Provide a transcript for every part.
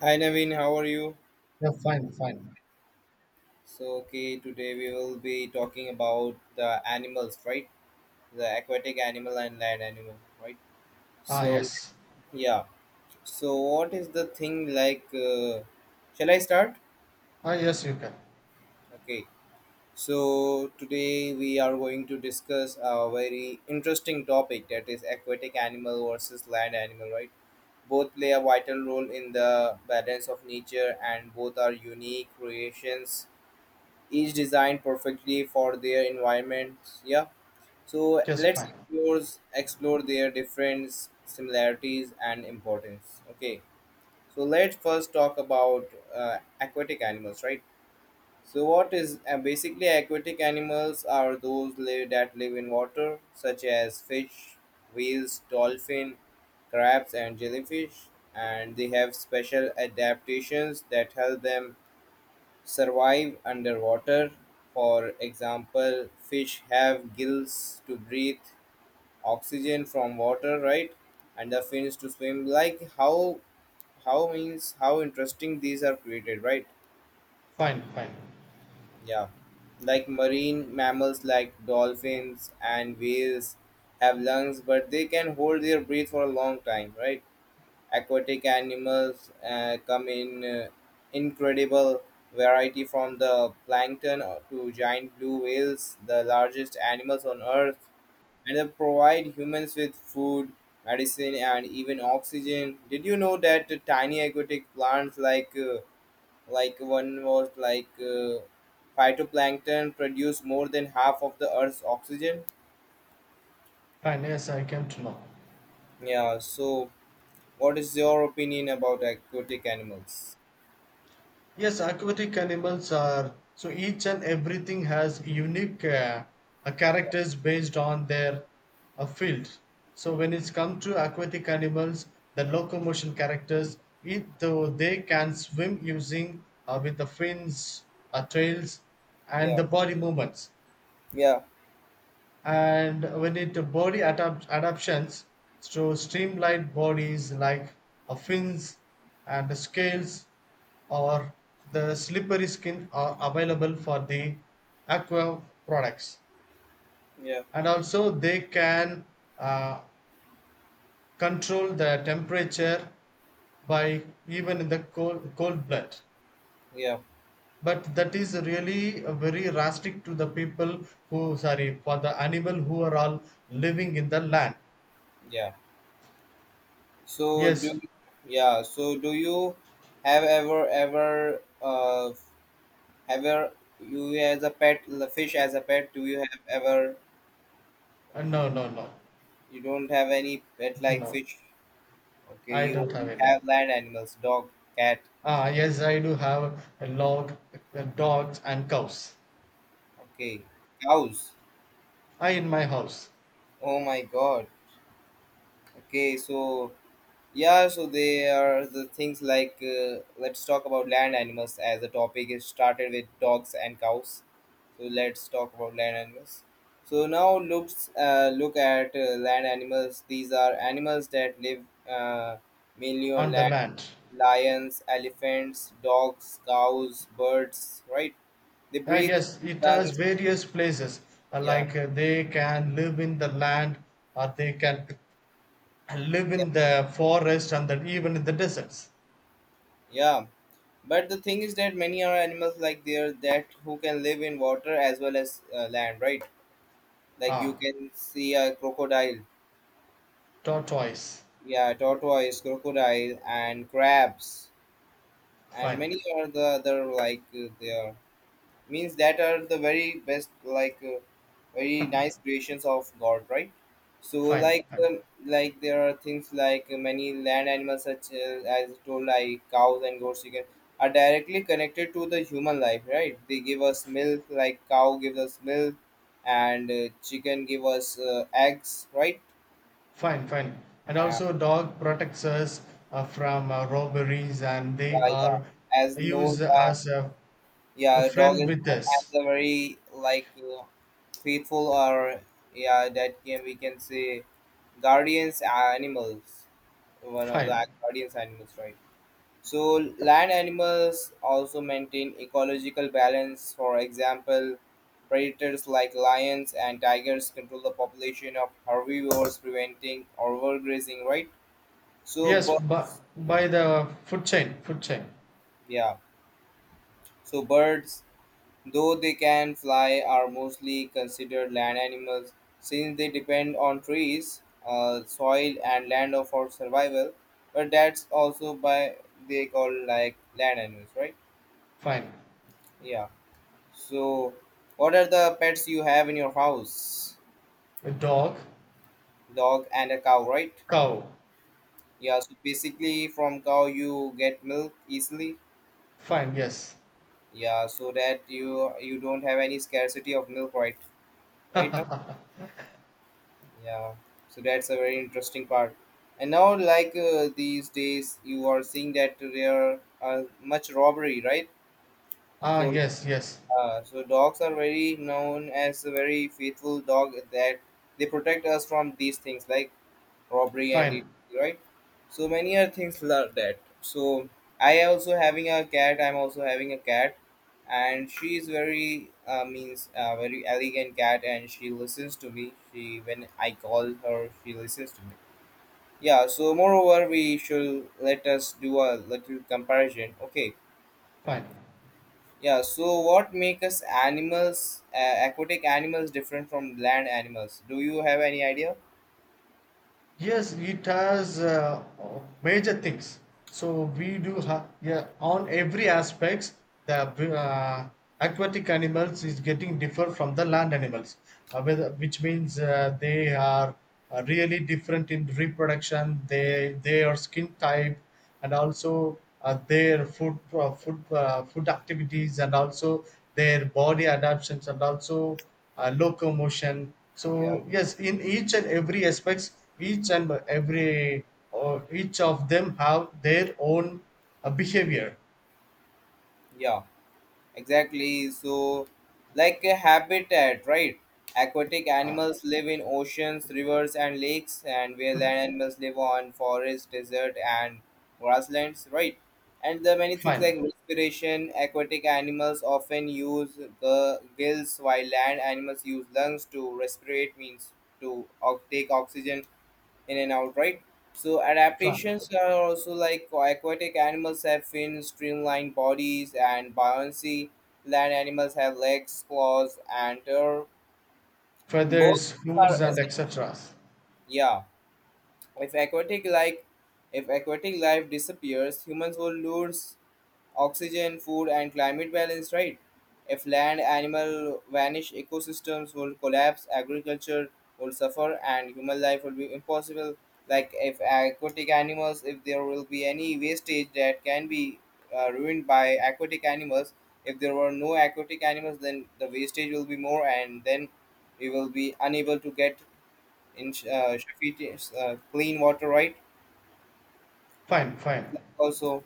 Hi Naveen, how are you? Yeah, fine, fine. So, today we will be talking about the animals, right? The aquatic animal and land animal, right? Ah, So, yes. yeah. So, what is the thing like? Shall I start? Ah, yes, you can. Okay. So, today we are going to discuss a very interesting topic that is aquatic animal versus land animal, right? Both play a vital role in the balance of nature and both are unique creations each designed perfectly for their environments. Yeah. So Yes, let's fine. explore their different similarities and importance. Okay. So let's first talk about aquatic animals, right? So what is basically aquatic animals are those that live in water, such as fish, whales, dolphin, crabs, and jellyfish, and they have special adaptations that help them survive underwater. For example, fish have gills to breathe oxygen from water, right? And the fins to swim. Like how interesting these are created, right? Fine, fine. Yeah. Like marine mammals like dolphins and whales have lungs, but they can hold their breath for a long time, right? Aquatic animals come in incredible variety from the plankton to giant blue whales, the largest animals on earth, and they provide humans with food, medicine, and even oxygen. Did you know that the tiny aquatic plants like one was like phytoplankton produce more than half of the earth's oxygen? Fine, yes, I came to know. Yeah, so what is your opinion about aquatic animals? Yes, aquatic animals are, so each and everything has unique Yeah, characters based on their field. So when it's come to aquatic animals, the locomotion characters, it, though they can swim using with the fins, tails, and yeah. the body movements. Yeah. And when it body adaptations to streamlined bodies like fins and scales or the slippery skin are available for the aqua products, Yeah, and also they can uh, control the temperature by even in the cold blood, yeah, but that is really very drastic to the people who, sorry, for the animal who are all living in the land. yeah. So do Yes. yeah, so do you have ever you as a pet the fish as a pet do you have ever No, no, no, You don't have any pet like no. fish? Okay, I you don't have only any. have land animals, dog, cat? Ah, yes, I do have a log, dogs, and cows. Okay, cows? I in my house Oh my god. Okay, so yeah, so they are the things like, let's talk about land animals, as the topic is started with dogs and cows. So let's talk about land animals. So now look at land animals. These are animals that live uh, mainly on on the land. land. Lions, elephants, dogs, cows, birds. Right? They Ah, breathe yes, through it has lungs. various places. Yeah, Like they can live in the land, or they can live yeah, in the forest, and then even in the deserts. yeah. But the thing is that many are animals like there that who can live in water as well as land. Right? Like you Ah, can see a crocodile. tortoise. Yeah, tortoise, crocodile, and crabs. And Fine, many are the other like, they are, means, that are the very best, like, very nice creations of god, right? So fine, like, fine. Like there are things like, many land animals, such as told, like cows and goats, you can, are directly connected to the human life, right? They give us milk, like cow gives us milk, and chicken give us eggs, right? Fine, fine. And uh, also, dog protects us from robberies, and they yeah, are yeah. As no used as yeah, a a dog friend is with not as us. a very like faithful, or yeah, that can, we can say, guardians, animals, one of the Fine. guardians animals, right? So land animals also maintain ecological balance. For example, predators like lions and tigers control the population of herbivores, preventing overgrazing, right? So Yes, but birds, by the food chain. yeah, so birds, though they can fly, are mostly considered land animals since they depend on trees, soil, and land for survival. But that's also by they call like land animals, right? Fine. Yeah. So, what are the pets you have in your house? A dog, Dog and a cow, right? cow. Yeah. So basically, from cow you get milk easily. Fine. Yes. Yeah. So that you don't have any scarcity of milk, right? Right now. Yeah, so that's a very interesting part. And now, like these days, you are seeing that there are much robbery, right? Ah, So, yes, yes. So dogs are very known as a very faithful dog that they protect us from these things. Like robbery and Fine, it, right? So many are things like that. So I also having a cat, I'm also having a cat, and she is very means very elegant cat, and she listens to me, she when I call her she listens to me. Yeah, so moreover we should, let us do a little comparison, okay? fine. Yeah, so what makes animals, aquatic animals different from land animals, do you have any idea? Yes, it has major things. So we do have, yeah, on every aspects the uh, aquatic animals is getting different from the land animals, whether, which means they are really different in reproduction. They their skin type, and also their food activities, and also their body adaptations, and also locomotion. Yeah. So yes, in each and every aspects, each and every, or each of them have their own behavior. Yeah. Exactly. So, like a habitat, right? Aquatic animals live in oceans, rivers, and lakes, and where land animals live on forest, desert, and grasslands, right? And the many things Fine, like respiration, aquatic animals often use the gills, while land animals use lungs to respirate, means take oxygen in and out, right? So adaptations fine. are also like aquatic animals have fins, streamlined bodies, and buoyancy. Land animals have legs, claws, and tail. Both Feathers, are hooves, and essential. etc. Yeah, if aquatic like if aquatic life disappears, humans will lose oxygen, food, and climate balance, right? If land, animal vanish, ecosystems will collapse, agriculture will suffer, and human life will be impossible. Like if aquatic animals, if there will be any wastage that can be ruined by aquatic animals, if there were no aquatic animals, then the wastage will be more, and then we will be unable to get in sufficient, clean water, right? Fine, fine. Also,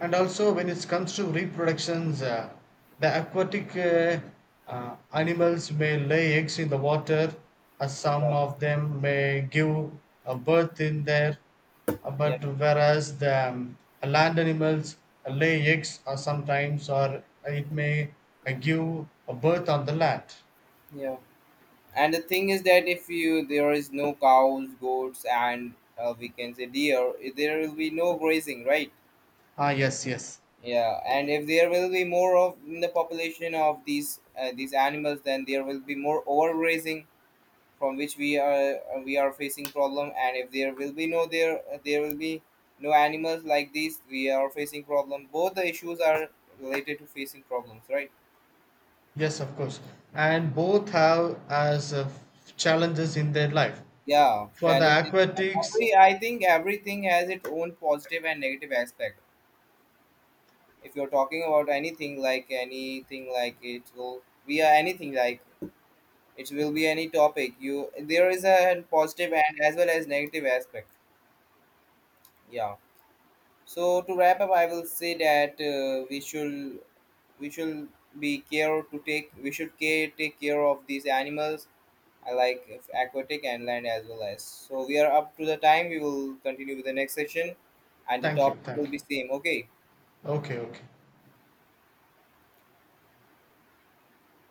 And also, when it comes to reproductions, the aquatic animals may lay eggs in the water, some yeah, of them may give a birth in there, but yeah, whereas the land animals lay eggs, or sometimes, or it may give a birth on the land. yeah. And the thing is that if you there is no cows, goats, and we can say deer, eh, there will be no grazing, right? Ah, yes, yes. Yeah, and if there will be more of in the population of these animals, then there will be more overgrazing, from which we are facing problem. And if there will be no there will be no animals like these, we are facing problem. Both the issues are related to facing problems, right? Yes, of course. And both have as challenges in their life. Yeah, For the challenges. aquatics, Every, I think everything has its own positive and negative aspect. If you're talking about anything, like anything like it will be anything like it will be any topic, you, there is a positive and as well as negative aspect. Yeah. So to wrap up I will say that we should be care to take we should care take care of these animals. I like if aquatic and land as well as, so we are up to the time, we will continue with the next session, and the thank you, topic thank will you. be same, okay? Okay, okay.